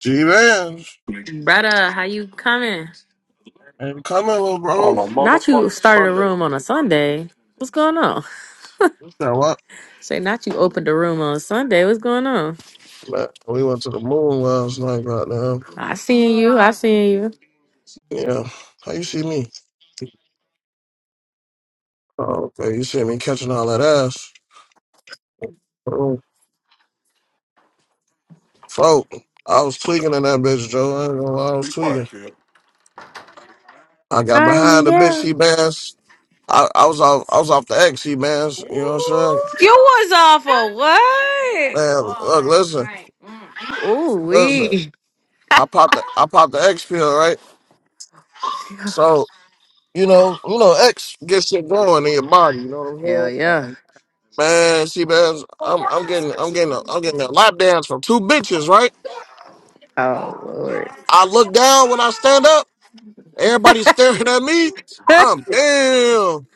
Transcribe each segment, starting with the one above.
G Vans Brother, how you coming? ain't coming, little On bro. a Not you motherfucking started a Sunday. room on a Sunday. What's going on? Now what? Say not you opened a room on Sunday. What's going on? Man, We went to the moon last night, goddamn. I seen you. I seen you. Yeah. How you see me? Oh, okay. You see me catching all that ass. Oh, folk. I was tweaking in that bitch, Joe. I ain't gonna lie, I was Be tweaking. quiet, kid. I got Hi, behind the bitch, He Miguel. bands. I, I was off I was off the X, he bands. You know what I'm saying? You was off of what? Man, look, listen, Ooh listen. wee. I popped the I popped the X pill, right? So, you know, you know, X gets shit going in your body, you know Hell what I'm saying? yeah. Man, see, man, I'm I'm getting I'm getting a, I'm getting a lap dance from two bitches, right? Oh Lord. I look down when I stand up. Everybody's staring at me. I'm damn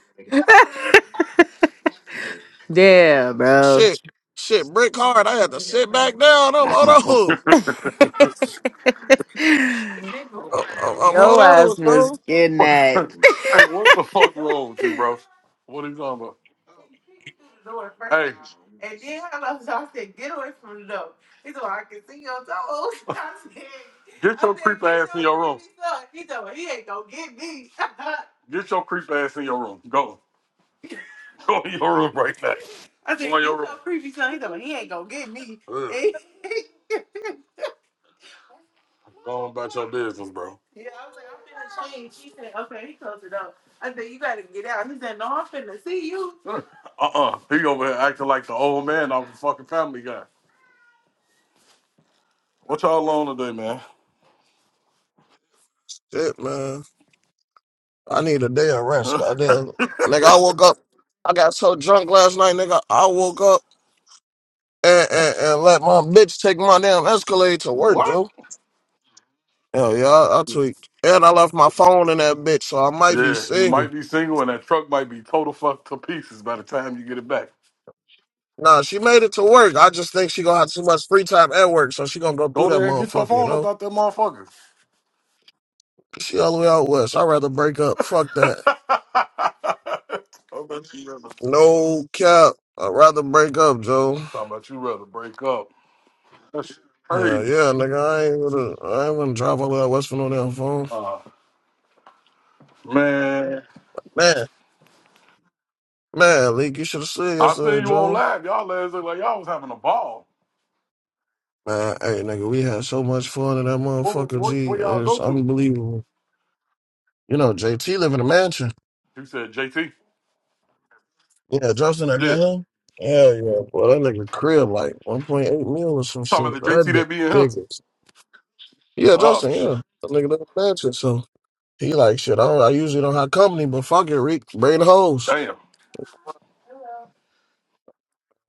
Damn, bro. shit, shit brick hard. I had to sit back down. I'm hold hey, on. I'm, I'm I'm- hold Yo ass on, was bro. getting that. what the fuck wrong with you, bro? What are you talking about? Hey. And then hello, so I said, get away from the door. He said, I can see your toes. I said, get your I said, creep "Get ass in your your room. creepy son." He said, well, he ain't gonna get me. get your creep ass in your room. Go. Go in your room right now. I said, Go in your "Get your room. creepy son. He said, well, he ain't gonna get me. Ugh. Go on about your business, bro. Yeah, I was like, I'm finna change. She said, okay, he closed it up. I said, you gotta get out. He said, no, I'm finna see you. Uh uh He over here acting like the old man off the fucking family guy. What y'all on today, man? Shit, man. I need a day of rest. Goddamn, nigga. I woke up. I got so drunk last night, nigga. I woke up and and, and let my bitch take my damn Escalade to work, What? Joe. Hell yeah, I, I tweaked. And I left my phone in that bitch, so I might be yeah, you single. might be single and that truck might be total fucked to pieces by the time you get it back. Nah, she made it to work. I just think she gonna have too much free time at work, so she gonna go Go through that there and get your motherfucker, you phone know? about that motherfucker. She all the way out west. I'd rather break up. Fuck How that. about you rather? No cap. I'd rather break up, Joe. I'm Talking about you rather break up. That's Yeah, crazy. yeah, nigga. I ain't gonna I ain't gonna drive all the way out west for no damn phone. Uh, man. Man, man, Leak, you should have seen I seen yesterday, you on Joe. live. Y'all lads look like y'all was having a ball. Man, hey nigga, we had so much fun in that What, motherfucker what, G. where y'all go It's to? unbelievable. You know, JT live in a mansion. You said JT. Yeah, drops in that Yeah. bit, huh? Hell yeah, boy, that nigga crib like 1.8 mil or some Talking shit. about the That JT bitch that be in here. bigger. Yeah, Oh, Justin, shit. yeah. That nigga done mansion, so he like shit. I don't, I usually don't have company, but fuck it, Rick, bring the hoes. Damn.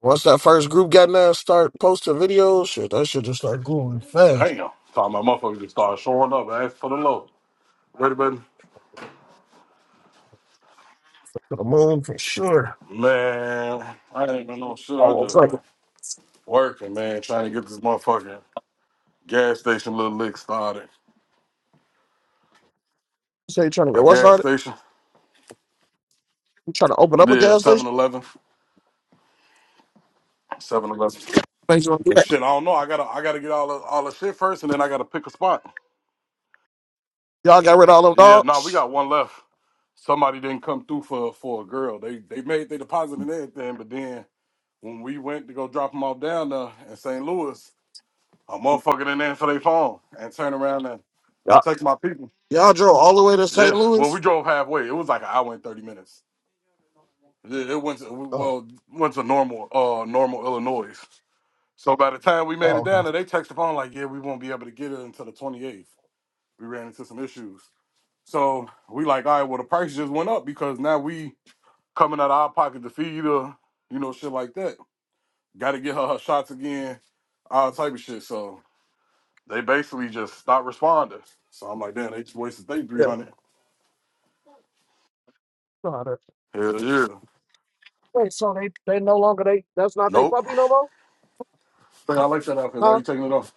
Once that first group got in there, and start posting videos, shit, that shit just start going fast. Damn. Talking about motherfuckers just started showing up. Ask for the low. Ready, baby? To the moon for sure. Man, I ain't been no shit. I Oh, it's just like, been you working, man, trying to get this motherfucking gas station little lick started. say you trying to A get what gas started? station? You trying to open up a Yeah, gas Seven station? Eleven. Seven Eleven. Thanks, y'all Shit, I don't know. I gotta I gotta get all the all the shit first and then I gotta pick a spot. Y'all got rid of all them Yeah, no, we dogs? got one left. Somebody didn't come through for for a girl. They they made they deposited and everything, but then when we went to go drop them off down there in St. Louis, a motherfucker didn't answer their phone and turn around and Y'all, text my people. y'all drove all the way to St. Yeah, well, we Louis? drove halfway. It was like an hour and thirty minutes. Yeah, it went to Oh, well went to normal uh normal Illinois. So by the time we made it oh, down no. there, they texted the phone like, yeah, we won't be able to get it until the twenty eighth. We ran into some issues. So we like, all right, well the price just went up because now we coming out of our pocket to feed her, you know, shit like that. Got to get her her shots again, all type of shit. So they basically just stopped responding. So I'm like, damn, they just wasted they 300. yeah. Hell yeah. Wait, so they they no longer they that's not they Nope. puppy no more? Think I like that outfit. Why Huh? you taking it off?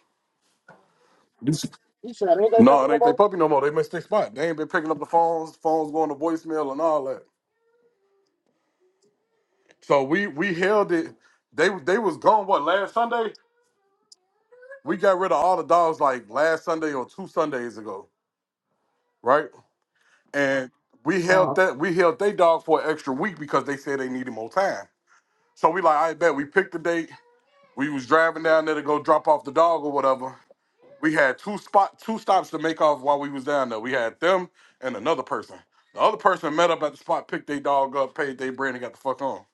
This- You said ain't they No, puppy it no ain't they more? puppy no more. They missed their spot. They ain't been picking up the phones, phones going to voicemail and all that. So we we held it. They they was gone what last Sunday? We got rid of all the dogs like last Sunday or two Sundays ago, right? and we held that we held they dog for an extra week because they said they needed more time. So we like, I bet we picked the date. We was driving down there to go drop off the dog or whatever. We had two spot two stops to make off while we was down there. We had them and another person. The other person met up at the spot, picked their dog up, paid their brand, and got the fuck on.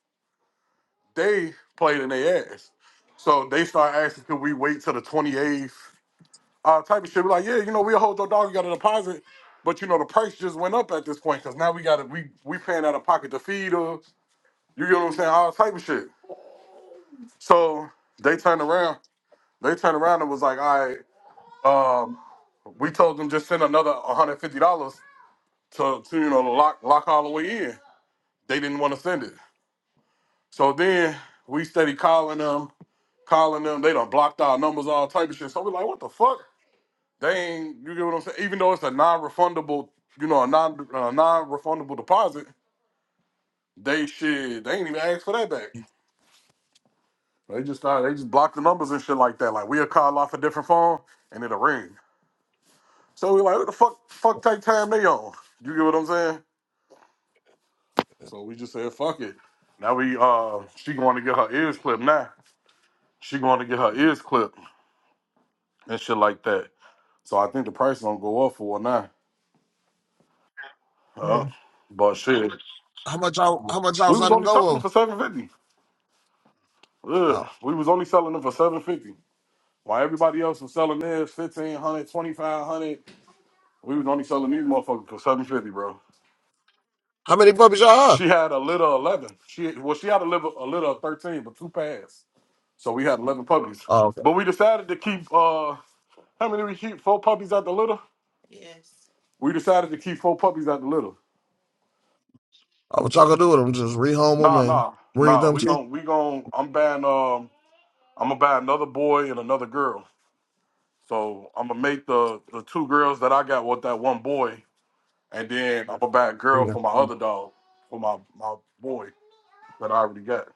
They played in their ass. So they start asking, could we wait till the 28th? uh, type of shit. We're like, yeah, you know, we'll hold your dog, you got a deposit, but you know, the price just went up at this point because now we got to we we paying out of pocket to feed her. You get what I'm saying? All type of shit. So they turned around, they turned around and was like, all right, um, we told them just send another $150 to to you know to lock lock Holloway in. They didn't want to send it. So then we steady calling them, calling them. They done blocked our numbers, all type of shit. So we're like, what the fuck? They ain't. You get what I'm saying? Even though it's a non-refundable, you know, a non uh, non-refundable deposit, they shit. They ain't even ask for that back. They just started, they just block the numbers and shit like that. Like we'll call off a different phone and it'll ring. So we like, what the fuck, fuck take time they on? You get what I'm saying? So we just said, fuck it. Now we uh she going to get her ears clipped now. She going to get her ears clipped and shit like that. So I think the price gonna go up for her now. Uh, Yeah. but shit. How much y'all how much y'all We was let them only selling go them on? for seven fifty. Ugh, Oh. we was only selling them for seven fifty. While everybody else was selling theirs 1500, 2500. we was only selling these motherfuckers for seven fifty, bro. How many puppies y'all have? She had a litter of eleven. She well, she had a litter, a litter of thirteen, but two pairs. So we had eleven puppies. Oh, okay. But we decided to keep uh how many we keep? Four puppies at the litter? We decided to keep four puppies at the litter. Oh, what y'all gonna do with them? Just rehome them Nah, and nah, breed nah. them We too? gon' we gon' I'm buying um I'm gonna buy another boy and another girl. So I'm gonna make the the two girls that I got with that one boy, and then I'm gonna buy a girl Yeah. for my other dog, for my my boy that I already got.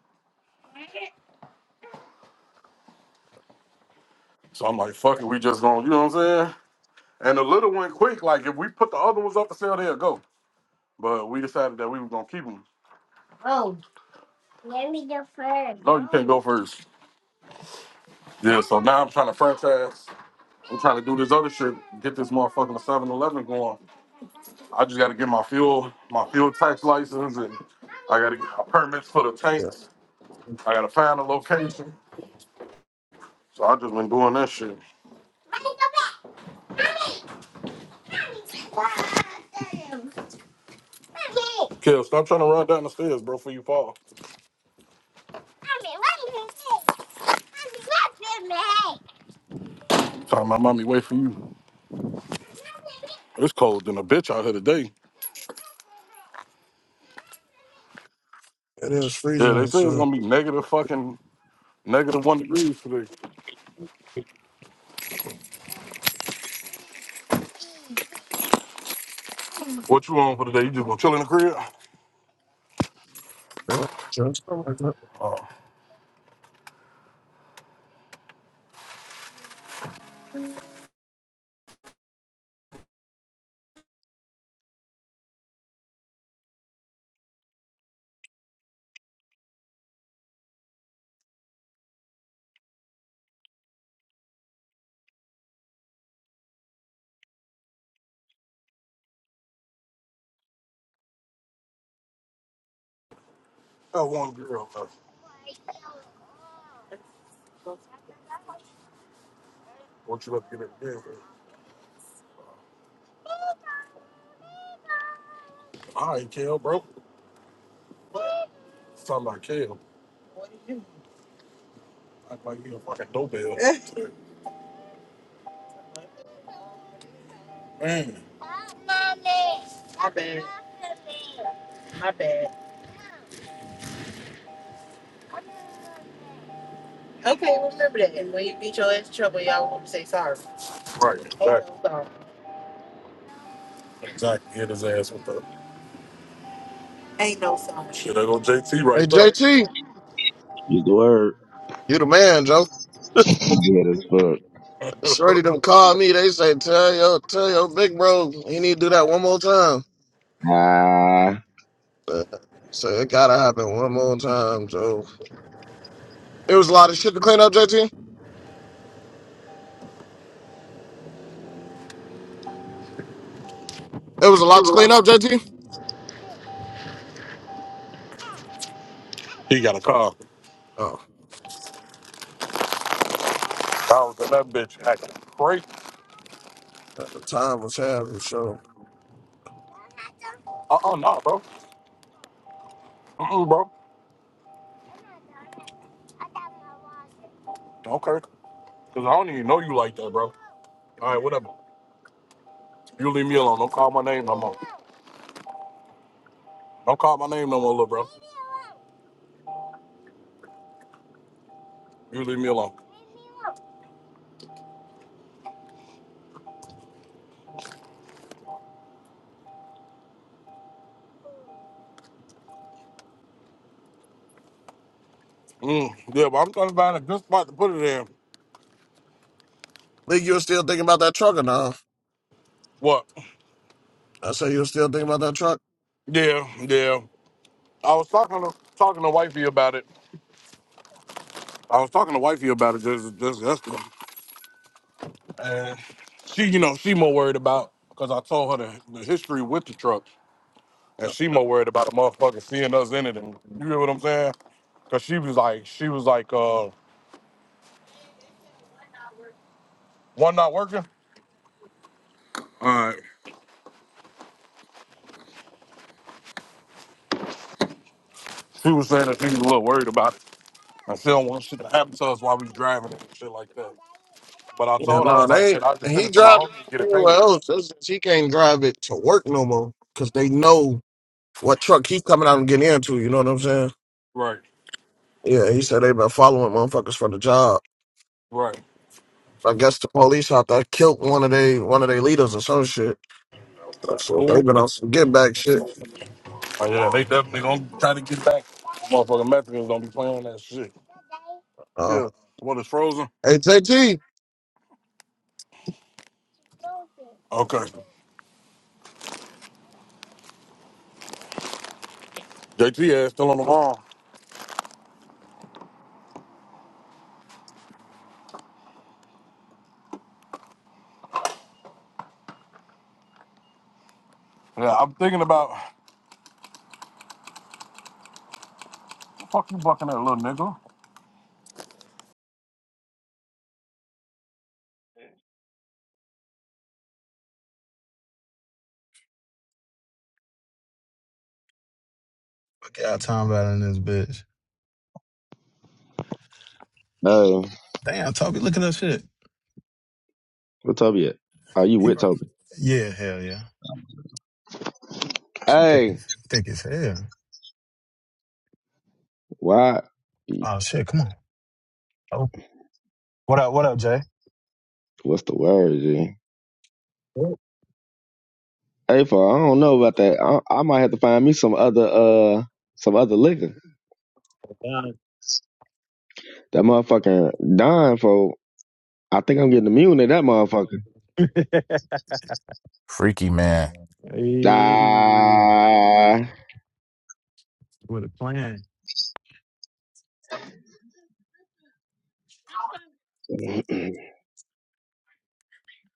So I'm like, fuck it, we just gonna, you know what I'm saying? And the little one quick, like if we put the other ones up for sale, they'll go. But we decided that we were gonna keep them. Oh. No, you can't go first. Yeah, so now I'm trying to franchise. I'm trying to do this other shit, get this motherfucking 7-Eleven going. I just gotta get my fuel, my fuel tax license, and I gotta get my permits for the Yeah. tanks. I gotta find a location. So I just been doing that shit. Kel, stop trying to run down the stairs, bro, before you fall. Time my mommy wait for you. It's cold than a bitch out here today. It is Yeah, freezing they say it's outside. gonna be negative fucking negative one degrees today. What you on for today? You just gonna chill in the crib? Yeah. Just- something like that. Oh, that one girl. man. What you up to get in bed with? All right, Kel, bro. It's talking about Kel. Act like you a fucking doorbell. Man. My bad. My bad. Okay, remember that. And when you beat your ass in trouble, y'all want to say sorry. Right, Ain't exactly. no sorry. Exactly. Hit his ass with the Ain't no sorry. shit. There go JT Hey right there. JT, Use the word. you the man, Joe. You good as fuck. Shorty them call me. They say tell your tell your big bro he need to do that one more time. Ah, Uh, So it gotta happen one more time, Joe. It was a lot of shit to clean up, JT. It was a lot to clean up, JT. he got a car. Oh, I was in that bitch acting crazy. the time was having sure. Uh uh nah, bro. Mm mm, bro. Okay. Cause I don't even know you like that, bro. All right, whatever. You leave me alone. Don't call my name no more. Don't call my name no more, little bro. You leave me alone. Mm, yeah, but I'm trying to find a good spot to put it in. Nigga, you was still thinking about that truck or no? What? I said you was still thinking about that truck. Yeah, yeah. I was talking to talking to wifey about it. I was talking to wifey about it just just yesterday, and she, you know, she more worried about because I told her the, the history with the truck, and she more worried about the motherfucker seeing us in it, and you know what I'm saying? Because she was like, she was like, uh, one not working. All right. She was saying that she was a little worried about it, and she don't want shit to happen to us while we driving it and shit like that. But I Yeah, told her I no, was like, they ain't. shit, I just send He it to my drive homie and get it it anywhere painted. else. That's just, he can't drive it to work no more because they know what truck he coming out and getting into. You know what I'm saying? Right. Yeah, he said they been following motherfuckers for the job. Right. I guess the police out there killed one of they one of their leaders or some shit. So Oh they been on some get back shit. yeah, they definitely gonna try to get back. Motherfucking Mexicans don't be playing that shit. Uh, Yeah. What is frozen? hey JT, Okay. JT ass still on the wall. Yeah, I'm thinking about fuck you bucking that little nigga. Fuck y'all talking about in this bitch. no. Damn, Toby, look at that shit. What Toby at? Are you He, with wrote- Toby? yeah, hell yeah. She thick Hey, as thick as hell. why? Oh shit, come on. Oh, what up? What up, Jay? What's the word, G? Hey, for I don't know about that. I, I might have to find me some other, uh, some other liquor. That motherfucking Don, for I think I'm getting immune to that motherfucker. Freaky man, Hey, Ah. with a plan. oh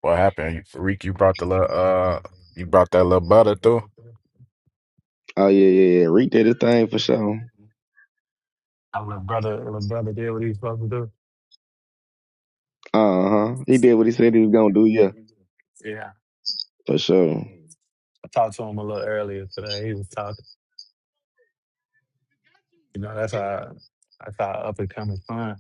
what happened? You, Freak, you brought the little uh, you brought that little butter through. yeah, yeah, yeah. Reek did his thing for sure. Our little brother, little brother did what he's supposed to Uh huh. He did what he said he was gonna do. Yeah, do. for sure. I talked to him a little earlier today. He was talking. You know, that's how that's how up and coming fun.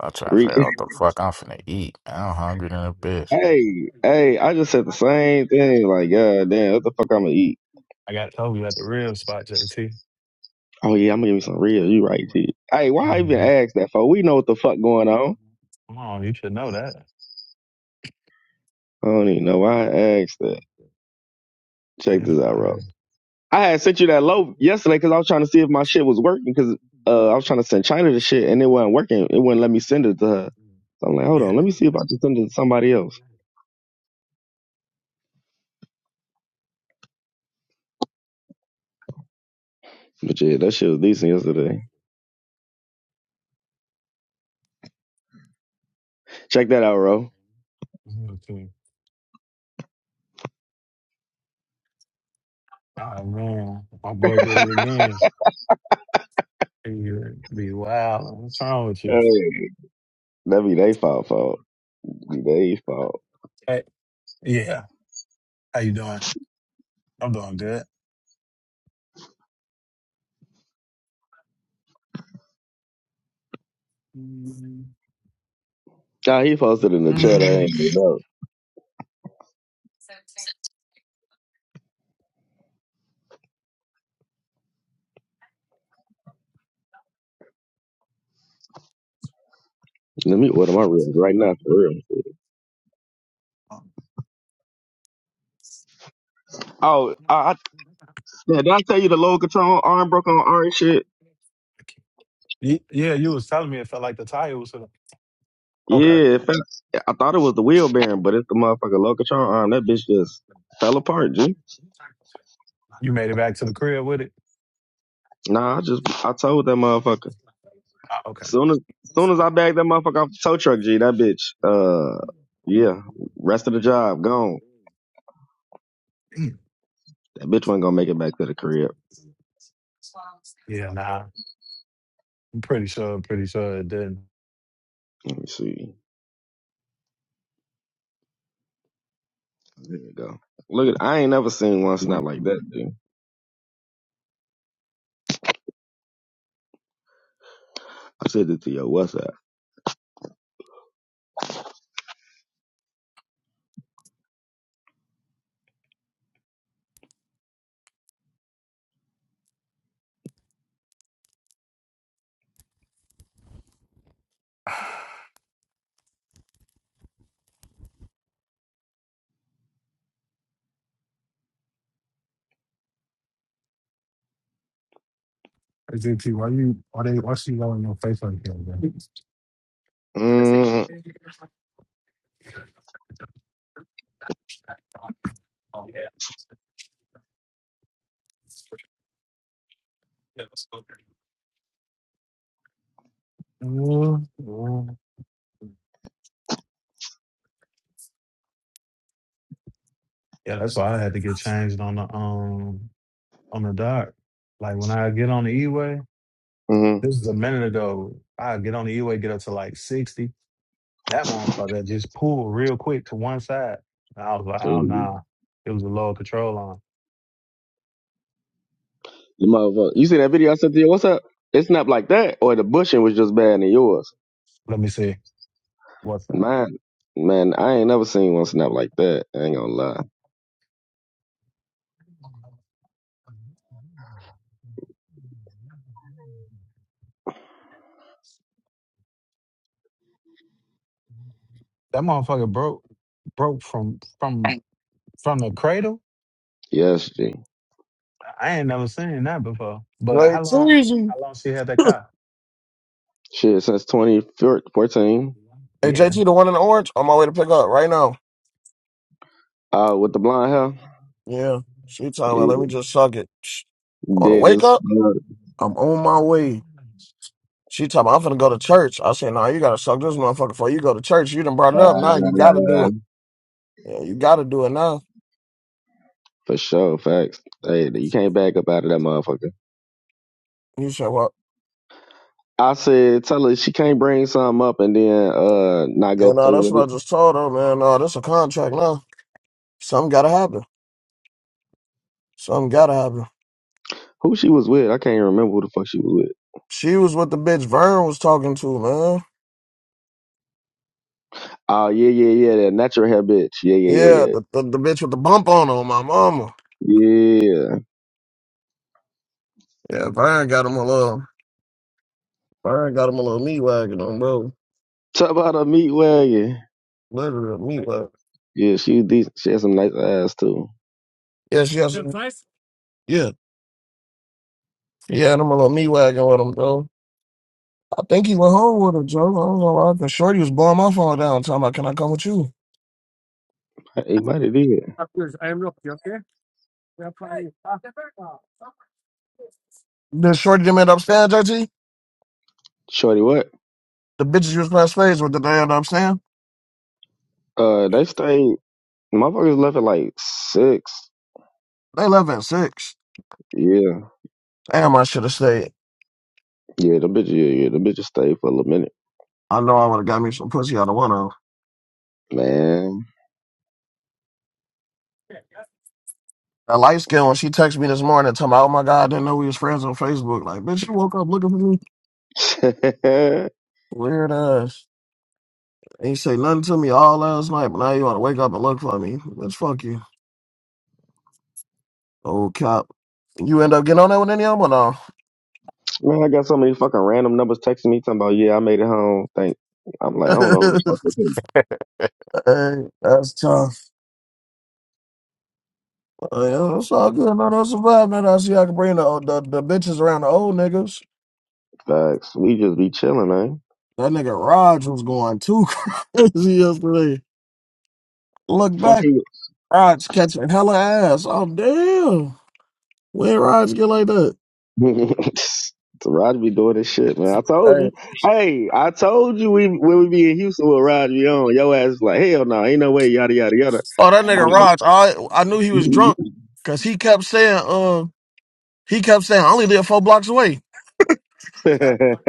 I try to Reek. figure out what the fuck I'm finna eat. I'm hungry than a bitch. Hey, hey, I just said the same thing. Like, god damn, what the fuck I'm gonna eat? I got Toby at the real spot, JT. Oh yeah, I'm gonna give me some real. You right, G. Hey, why I even Mhm. ask that for? We know what the fuck going on. Come on, you should know that. I don't even know why I asked that. Check Yes, this out, bro. I had sent you that low yesterday because I was trying to see if my shit was working because uh, I was trying to send China the sir. shit and it wasn't working. It wouldn't let me send it to her. So I'm like, hold Yeah. on, let me see if I can send it to somebody else. But yeah, that shit was decent yesterday. Check that out, bro. Okay. Oh man, my boy did it again. You be wild. What's wrong with Hey, you? that be they fault, fault. Be They fault. Hey, yeah. How you doing? I'm doing good. Mm. Ah, he posted in the chat. I ain't even know. Let me order my rib right now for real. Oh, I, I, yeah, did I tell you the load control arm broke on arm shit? Y- Yeah, you was telling me it felt like the tire was. Okay. Yeah, it fell- I thought it was the wheel bearing, but it's the motherfucking load control arm. That bitch just fell apart, G. You made it back to the crib with it? Nah, I just I told that motherfucker. Ah, okay. Soon as soon as I bagged that motherfucker off the tow truck, G, that bitch. Uh, yeah, rest of the job gone. Damn. That bitch wasn't gonna make it back to the crib. Yeah, nah. I'm pretty sure, pretty sure it didn't. Let me see. There you go. Look at I ain't never seen one snap like that, dude. I said it to your WhatsApp. Hey, JT, why you why they why she yelling in your face like that, man? Mm-hmm. Yeah, that's why I had to get changed on the um on the dock. Like when I get on the E-way, this is a minute ago. I get on the E-way, get up to like 60. That motherfucker just pulled real quick to one side. And I was like, oh nah. It was a lower control arm." The motherfucker. You see that video I sent to you? What's up? It snapped like that, or the bushing was just bad than yours. Let me see. What's that? Mine, man, I ain't never seen one snap like that. I ain't gonna lie. That motherfucker broke broke from from from the cradle. Yes, G. I I ain't never seen that before. But hey how long T. how long she had that car? Shit, since 2014, Hey Yeah. JT, the one in the orange, on my way to pick up right now. uh, with the blonde hair, Yeah, she talking about let me yeah, just suck it. Shh. On the dead wake as up, I'm on my way. She talking about I'm finna go to church. I said, nah, you gotta suck this motherfucker before you go to church. You done brought it up. Nah, you gotta do fuck. it. Yeah, you gotta do it now. For sure, facts. Hey, you can't back up out of that motherfucker. You said, well, I said, tell her she can't bring something up and then uh not yeah, go no, through that's with what I it. just told her, man. No, that's a contract now. Something gotta happen. Something gotta happen. Who she was with? I can't even remember who the fuck she was with. She was with the bitch Vern was talking to, man. Oh yeah, yeah, yeah, that natural hair bitch. Yeah, yeah, Yeah, yeah, the, the, the bitch with the bump on her, my mama. yeah. Yeah. Yeah, Vern got him a little, Vern got him a little meat wagon on, bro. Talk about a meat wagon. Literally a meat wagon. Yeah, she was decent. She had some nice ass too. Yes, yes. Yeah. Yeah, and I'm on a me wagon with him, bro. I think he went home with him, Joe. I don't know why. The shorty was blowing my phone down, talking about, can I come with you? He might have did. The shorty them end upstairs, JT. Shorty, what? The bitches you was playing spades with, did they end up staying? Uh, they stayed. Motherfuckers left at like six. They left at six. Yeah, Damn, I should have stayed. yeah, the bitch, yeah, yeah, the bitches stayed for a little minute, I know I would have got me some pussy out of one of them. man. That light skin, when she texted me this morning, talking about, oh my God, I didn't know we was friends on Facebook. Like, bitch, you woke up looking for me? Weird ass. Ain't say nothing to me all last night, but now you want to wake up and look for me. Bitch, fuck you. Old cop. You end up getting on that with any of them or Man, I got so many fucking random numbers texting me talking about, yeah, I made it home. Thank. I'm no? like, I don't know who the fuck this is. hey, that's tough. Uh, that's all good. No, no survive, man. I see I can bring the, oh, the the bitches around the old niggas. Facts. We just be chilling, man. That nigga Raj was going too crazy yesterday. Look Fuck back, you. Raj catching hella ass. Oh damn. Where Raj get like that? Raj be doing this shit, man. I told Hey. you. Hey, I told you we when we be in Houston with Raj be on. Your ass is like, hell no, ain't no way, yada yada yada. Oh, that I'm nigga Raj. I I knew he was drunk because he kept saying, uh, he kept saying, I only live four blocks away. like,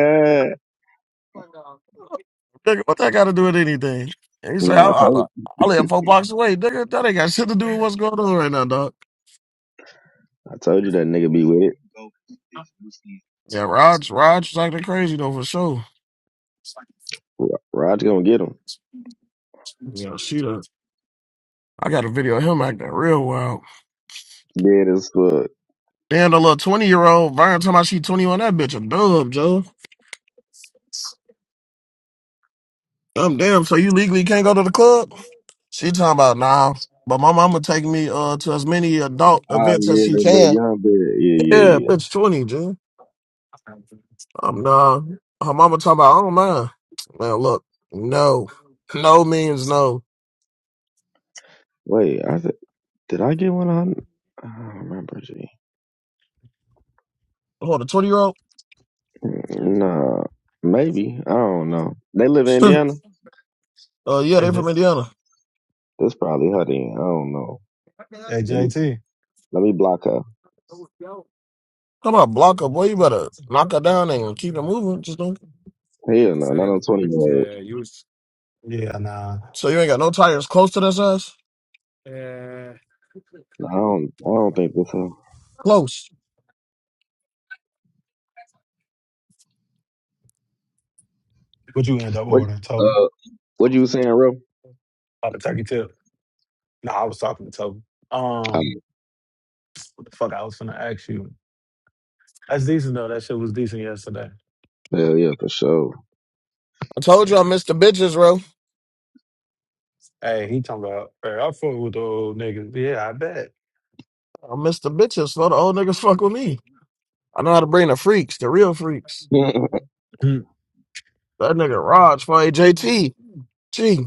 Nigga, what that got to do with anything? And he no, said, I, I told I, you. I live four blocks away, nigga. That ain't got shit to do with what's going on right now, dog. I told you that nigga be with it. Yeah, Raj, Raj was acting crazy though for sure. Ra- Raj gonna get him. Yeah, she done. I got a video of him acting real wild. Dead as fuck. Damn, the little twenty year old Vern talking about she twenty one. That bitch a dub, Joe. I'm damn. So you legally can't go to the club? She talking about nah. But my mama take me uh to as many adult Oh events as yeah, she that little can. young bit. Yeah, Yeah, yeah, yeah. bitch, twenty, Joe. Um, nah. Her mama talking about, I don't mind. Man, look, no. No means no. Wait, I said. Did I get one on? I don't remember. G. Hold a 20 year old? Nah, maybe. I don't know. They live in uh, Indiana. yeah, Hey, they J- from Indiana. That's probably her. Then I don't know. hey Let me JT. let me block her. Come on, block her, boy. You better knock her down and keep it moving. Just don't. Hell no, not on twenty year old. Yeah, nah. So you ain't got no tires close to that size? No, I don't. I don't think this. Her. Close. What you end up What? ordering, Toby? Uh, what you was saying, real? Oh, the turkey tip. No, I was talking to Toby. Oh, Um, what the fuck I was gonna ask you? That's decent though. That shit was decent yesterday. hell yeah, for sure. I told you I Yeah. missed the bitches, bro. Hey, he talking about. Hey, I fuck with the old niggas. Yeah, I bet. I missed the bitches, so the old niggas fuck with me. I know how to bring the freaks, the real freaks. what Hmm. That nigga Raj for JT. Gee,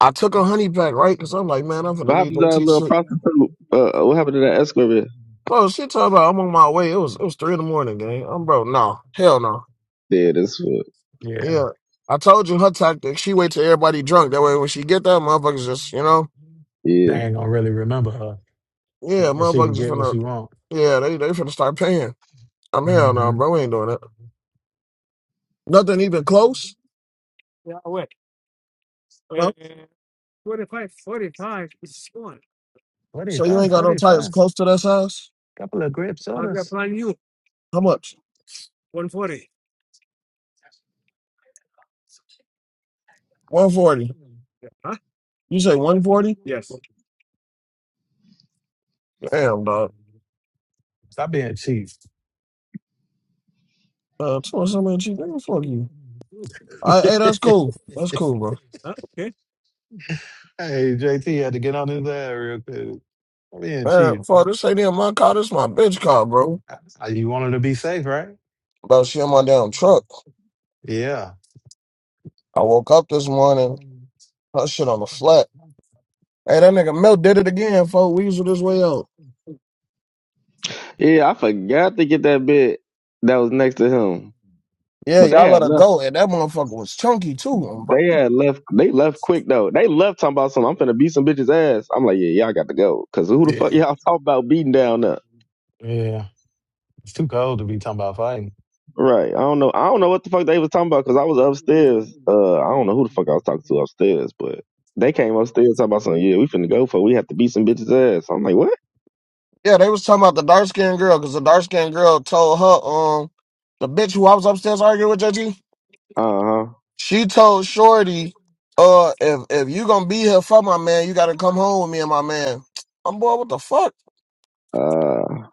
I took a honey pack, right? Because I'm like, man, I'm finna leave happened to that JT little shit. prostitute? Uh, what happened to that escort? bit? Bro, she talking about I'm on my way. It was it was three in the morning, gang. I'm bro, no. Hell no. Yeah, that's what. Yeah. Yeah. I told you her tactic, she wait till everybody drunk. That way when she get there, motherfuckers just, you know, Yeah, They ain't gonna really remember her, yeah, and and she can motherfuckers just get what finna she want. yeah, they they finna start paying. I'm hell no, Mm-hmm. bro. We ain't doing that. Nothing even close. You know? Forty So you five, ain't got no forty tires five. close to that size? Couple of grape sodas. How much? One forty. You say one forty? Damn dog. Stop being cheap. Uh two something cheap. Nigga, fuck you. I hey, that's cool. That's cool, bro. hey, JT had to get on his ass real quick. Stop being cheap. Man, fuck this ain't even my car, this my bitch car, bro. Uh, You wanted to be safe, right? Bro, she in my damn truck. Yeah. I woke up this morning, her shit on the flat. Hey, that nigga Mel did it again, folk. Weasel this way out. yeah. I forgot to get that bit that was next to him, Yeah, but they y'all let had her left. go. And that motherfucker was chunky too, um, bro. They had left. They left quick though. They left talking about something. I'm finna beat some bitches ass. I'm like, yeah, y'all got to go. Cause who the fuck Yeah. y'all talk about beating down Up Yeah. It's too cold to be talking about fighting. Right. I don't know. I don't know what the fuck they was talking hmm about. Cause I was upstairs. Uh, I don't know who the fuck I was talking to upstairs, but they came upstairs talking about something. Yeah, we finna go for. it. We have to beat some bitches ass. I'm like, what? Yeah, they was talking about the dark skinned girl, cause the dark skinned girl told her, um, the bitch who I was upstairs arguing with, Judgy, Uh huh. she told Shorty, uh, if if you gonna be here for my man, you gotta come home with me and my man. I'm boy, what the fuck? Uh,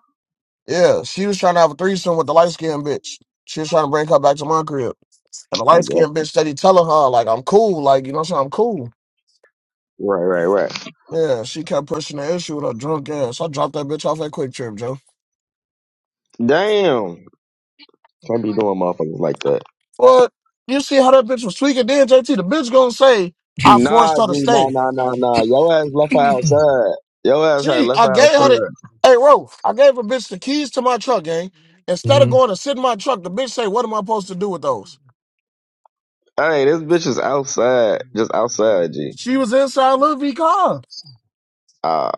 Yeah, she was trying to have a threesome with the light skinned bitch. She was trying to bring her back to my crib. And the I light got skinned bitch steady telling her, like, I'm cool, like, you know what I'm saying? I'm cool. right, right, right. Yeah, she kept pushing the issue with her drunk ass. I dropped that bitch off at Quick Trip, Joe. Damn. Can't be doing motherfuckers like that. What? You see how that bitch was tweaking then, JT? The bitch gonna say, I Nah, forced G, her to nah, stay. nah, nah, nah. Yo ass left her outside. Yo ass had Gee, left I her gave her the, outside. hey, Ro, I gave a bitch the keys to my truck, gang. Instead of going to sit in my truck, the bitch say, what am I supposed to do with those? Hey, this bitch is outside. Just outside, G. She was inside Lil V car. Uh,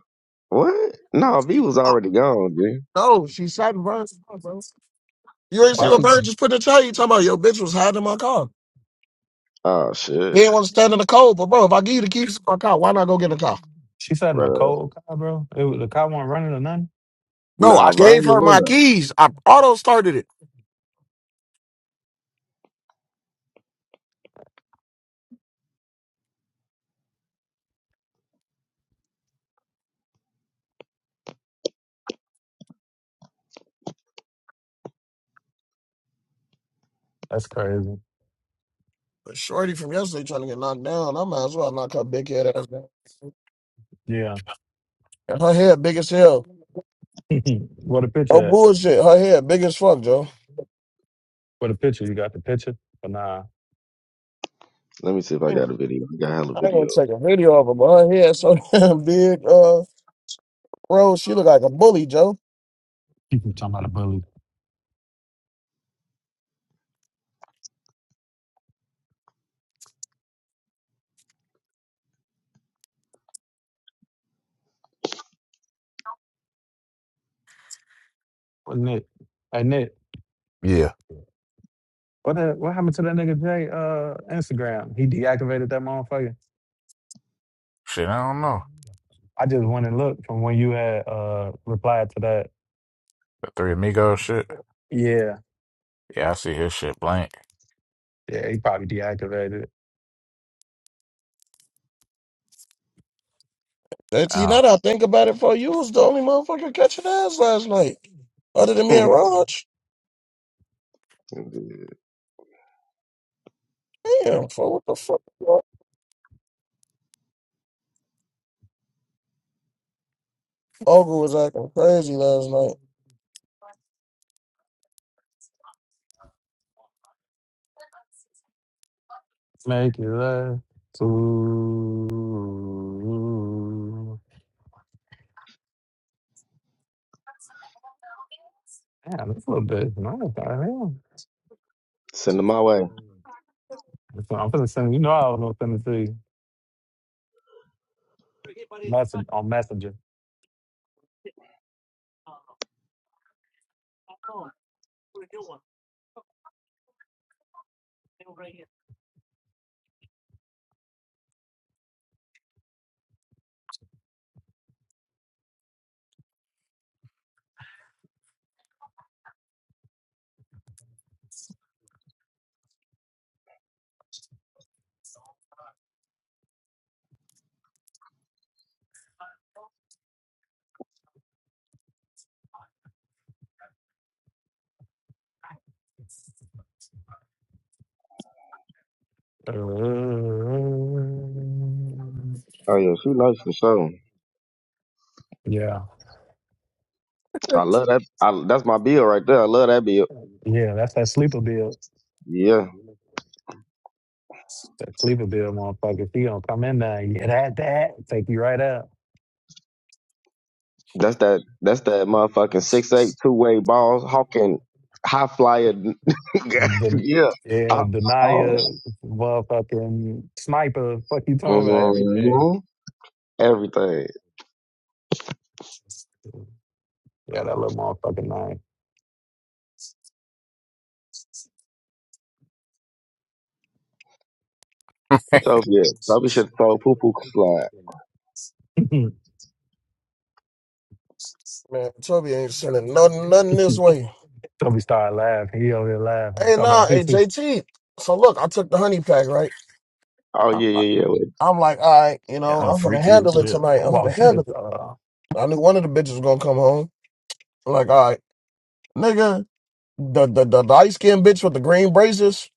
what? No, V was Ah, already gone, G. No, she sat in Bird's car, bro. You ain't see Why what Uh, she Bird just put in the chat? You talking about, your bitch was hiding in my car. oh, He shit. didn't want to stand in the cold, but bro, if I give you the keys to my car, why not go get in the car? she sat in a Bruh. cold car, bro? It was, the car wasn't running or nothing. No, I Nah, Vine gave was her in my there. keys. I auto started it. That's crazy. But Shorty from yesterday trying to get knocked down. I might as well knock her big head ass down. Yeah. And her head big as hell. what a No picture at? bullshit. Her head big as fuck, Joe. What a picture? You got the picture? But nah. Let me see if I got a video. I got hella I ain't gonna videos. take a video of her, but her hair so damn You big. Uh, Rose, she look like a bully, Joe. keep talking about a bully. What Nick? Hey Nick. Yeah, What the, what happened to that nigga Jay uh Instagram? He deactivated that motherfucker. shit, I don't know. I just went and looked from when you had uh replied to that. The Three Amigos shit. Yeah. Yeah, I see his shit blank. Yeah, he probably deactivated it. And see, now Oh, that I think about it, for you was the only motherfucker catching ass last night, other than me and Raj. Damn, for what the fuck? bro? Ogre was acting crazy last night. Make it last to Damn, that's a little bit nice. Goddamn. Send So them my way. I'm finna send you know I was gonna send it to you. Message on messenger. Uh, Oh, yeah, she nice for sure. yeah. I love that. I, that's my bill right there. I love that bill. Yeah, that's that sleeper bill. Yeah. That sleeper bill, motherfucker. If you don't come in there, you that that take you right up. That's that. That's that motherfucking six eight two way balls hawking high flyer. The yeah, I, yeah, all Denia, motherfucking sniper. Fuck you talking about everything. hmm everything. Yeah, that little motherfucking knife. Utopia, Utopia should throw poo poo slide. Man, Toby ain't sending nothing, nothing this way. Toby started laughing. He over here laughing. Hey, Talking nah, hey about JT. So look, I took the honey pack, right? Oh I- yeah, yeah, yeah. I'm like, all right, you know, yeah, I'm gonna freaky as handle it tonight. I'm gonna watching this. handle it. Uh, I knew one of the bitches was gonna come home. I'm like, all right. Nigga, the the, the light skinned bitch with the green braces,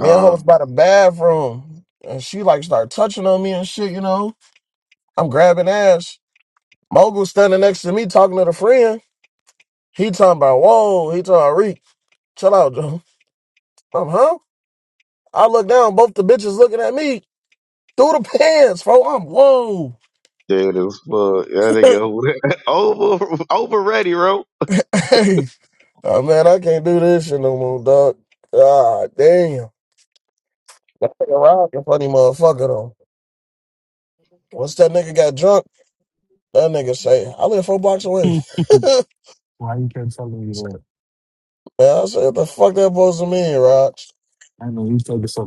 Uh and her huh. was by the bathroom. And she like started touching on me and shit, you know. I'm grabbing ass. Mogul standing next to me talking to the friend. He talking about, whoa, he talking about Reek. Chill out, Joe. I'm huh? I look down, both the bitches looking at me through the pants, bro. I'm whoa. Yeah, it is fuck. Yeah, they go over over ready, bro. hey. Oh man, I can't do this shit no more, dog. God damn. That nigga Rock a funny motherfucker though. Once that nigga got drunk. That nigga say, I live four blocks away. Why you kept telling me that? Man, I said, the fuck that supposed to mean, Rog? I know you told us so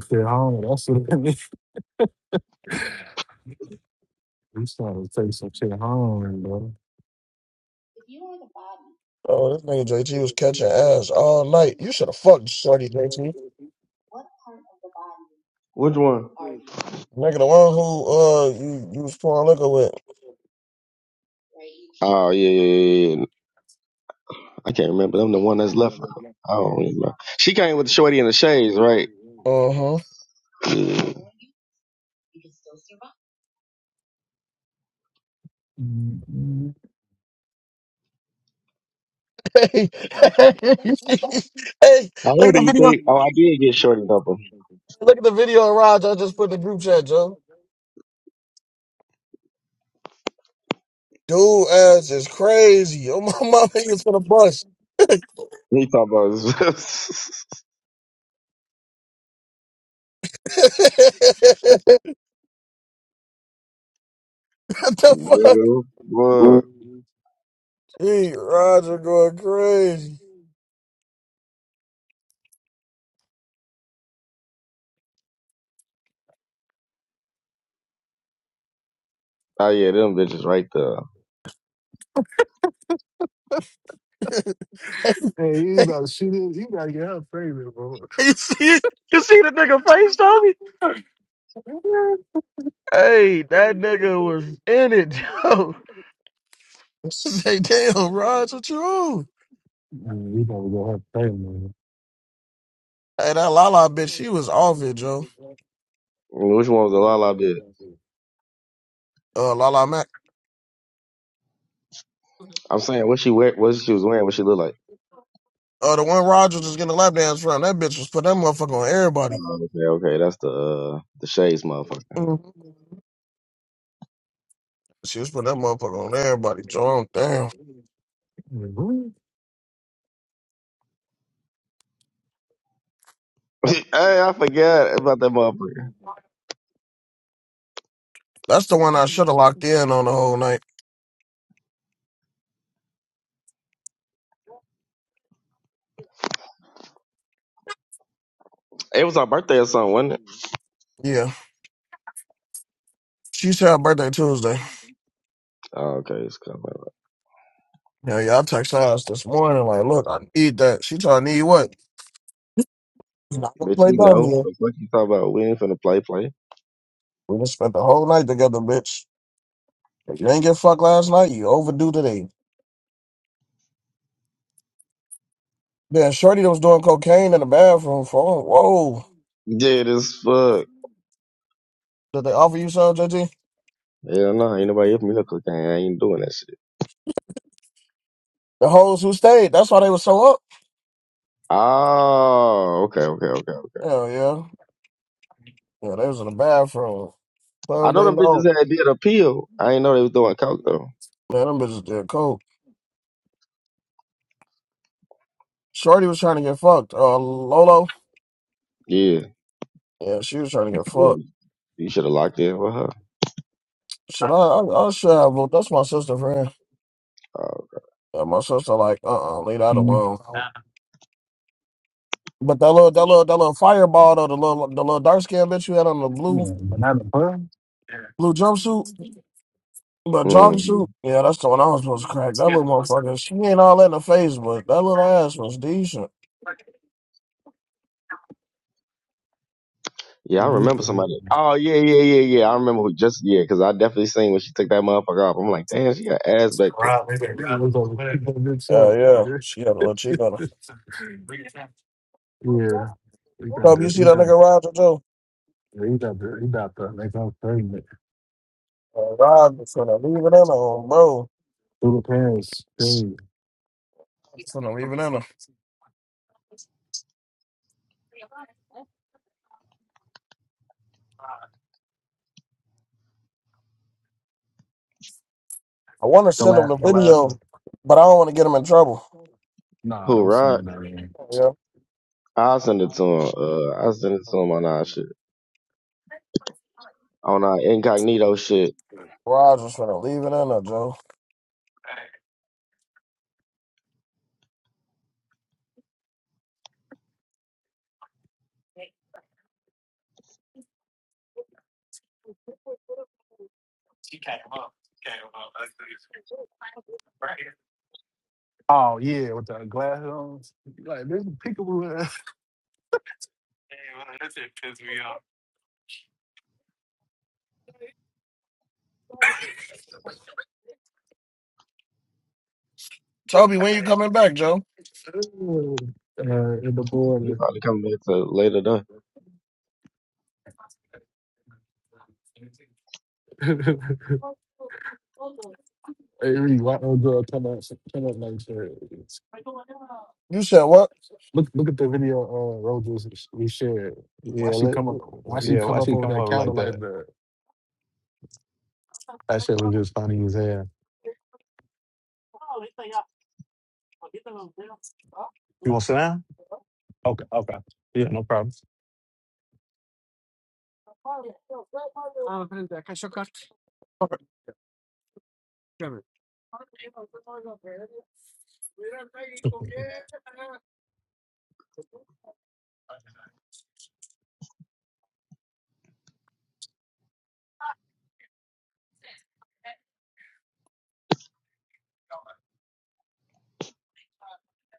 Oh, this nigga JT was catching ass all night. You should have fucked Shorty JT. Which one? Nigga, the one who uh you, you was pouring liquor with. Oh yeah, yeah, yeah. yeah. yeah. I can't remember. I'm the one that's left. Her. I don't remember. She came with the shorty in the shades, right? Uh-huh. I Hey, hey, look at don't the even video. think. Oh, I did get shorty number. Look at the video of Raj I just put in the group chat, Joe. Dude ass is crazy. Oh my mama nigga's for the bus. what He talking about his the fuck? Nigga, hell. what? Hey, Roger going crazy. Oh yeah, them bitches right there. I Hey, you gotta shoot it. You gotta get her pregnant, bro. You see, you see the nigga face, Tommy? Hey, that nigga was in it, Joe. Say, damn, Raj, what you on? Man, you gotta get her pregnant. Hey, that Lala bitch, she was off it, Joe. mean, which one was the Lala bit? Uh, Lala Mac. I'm saying what she wear, what she was wearing, what she look like. Uh, the one Roger was just getting a lap dance from, that bitch was putting that motherfucker on everybody. Oh, okay, okay, that's the uh, the shades motherfucker. Mhm. She was putting that motherfucker on everybody, Joe. I'm Damn. hey, I forgot about that motherfucker. That's the one I should have locked in on the whole night. It was our birthday or something, wasn't it? Yeah. She said her birthday Tuesday. Oh, okay, it's coming. Yeah, yeah, I text her ass this morning, like, look, I need that. She told I need what? Not gonna Bitch, play you dumb know here. the fuck you talking about? We ain't finna play play. We just spent the whole night together, bitch. If you ain't get fucked last night, you overdue today. Then Shorty that was doing cocaine in the bathroom for whoa. Dead as fuck. Did they offer you some, JT? Hell no, ain't nobody here for me to cook. I ain't doing that shit. The hoes who stayed, that's why they was so up. Oh, okay, okay, okay. Hell yeah. Yeah, they was in the bathroom. I Well, know they them bitches know. had did appeal. I ain't know they was doing coke though. Man, them bitches did coke. Shorty was trying to get fucked. Uh, Lolo? Yeah. Yeah, she was trying to get fucked. yeah. You should have locked in with her. Should I? I, I should have. Look, that's my sister, friend. Uh, Yeah, my sister, like, uh-uh, leave that Mm-hmm. alone. But that little, that little, that little fireball though, the little, the little dark skinned bitch you had on the blue Man, banana pie. Blue jumpsuit, but mhm. jogging suit. Yeah, that's the one I was supposed to crack. That little motherfucker. She ain't all that in the face, but that little ass was decent. Yeah, I remember somebody. Oh yeah, yeah, yeah, yeah. I remember who just yeah, cause I definitely seen when she took that motherfucker off. I'm like, damn, she got ass It's back like, to Rob, it's like, Rob, it's over. Keep on this Yeah, short, yeah. man. She got a little cheek on her. Yeah, he got Tom, the you see he that got nigga Roger too? the he got the he got the they got pregnant. Uh, Roger's gonna leave it in her, on, bro. Little parents, they Just gonna leave it in her. I want to the send him the last the last video, one. but I don't want to get him in trouble. Nah, who don't send Rod? them that in. Yeah. I'll send it to him. Uh, I'll send it to him on our shit, on our incognito shit. Roger's gonna leave it in her, Joe. Oh yeah, with the glass on. Like this peekaboo. ass. Hey, well, that's it pissed me off. Toby, when you coming back, Joe? Like, uh, in the He border. probably come back to later though. hey, Reed, why don't girl come up come up like this? You said what? Look look at the video uh Rose was- we shared. Why yeah, she let, come up why she yeah. Why come up she over come that over counter like that? like that? That shit was just funny as hell. You want to sit down? Okay, okay. Yeah, no problem.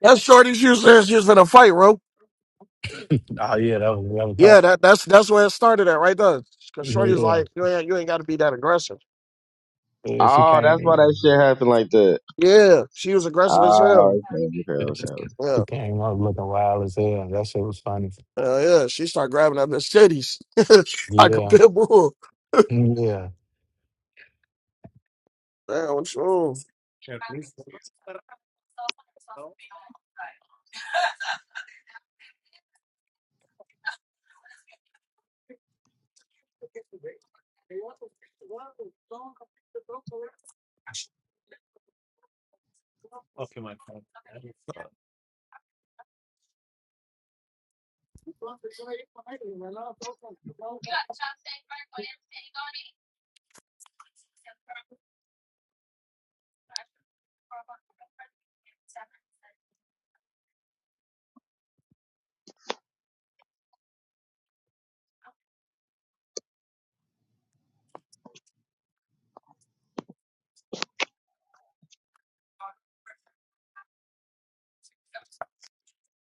That's Shorty's you said she was in a fight, bro. Oh yeah, that was that was her. Yeah, that, that's that's where it started at right there. Cause Shorty's Yeah, like, you ain't, you ain't gotta be that aggressive. yeah. She Oh, that's why came. that shit happened like that. Yeah, she was aggressive as hell. Oh, okay, okay, Yeah, she okay, she Yeah. came up looking wild as hell. That shit was funny. Hell yeah. She started grabbing up the titties like a Yeah, pit bull. yeah. Damn, what's wrong?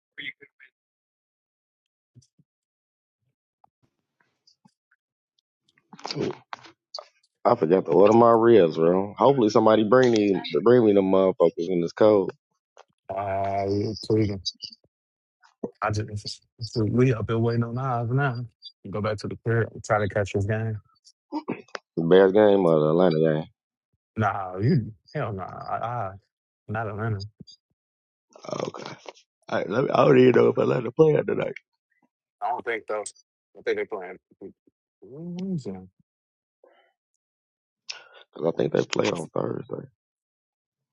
I forgot to order my ribs, bro. Hopefully somebody bring me bring me the motherfuckers in this cold. I we tweaking. I just we up here waiting on Nas now. Go back to the crib. Try to catch this game. The Bears game or the Atlanta game? Nah, you hell nah. I, I not Atlanta. Okay. All right, let me, I don't even know if Atlanta play playing tonight. I don't think though. I think they are playing. 'Cause I think they play on Thursday.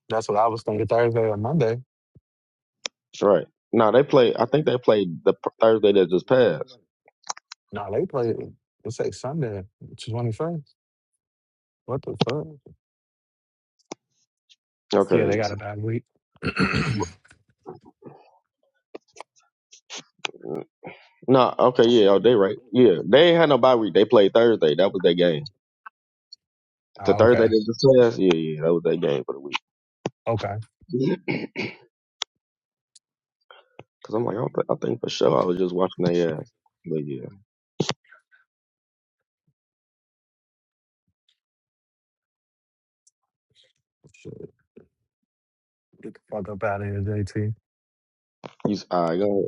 That's what I was thinking Thursday or Monday. That's right. No, they play. I think they played the p- Thursday that just passed. Nah, they play. It's like Sunday, twenty first. What the fuck? Yeah, Okay. they got so- a bad week. No. Okay. Yeah. Oh, they right. Yeah. They ain't had no bye week. They played Thursday. That was their game. The Ah, okay, Thursday that just passed. Yeah. Yeah. That was their game for the week. okay. Cause I'm like, I, don't thi- I think for sure I was just watching their ass. But yeah. Shit, get the fuck up out of here, JT. You, all right, go ahead.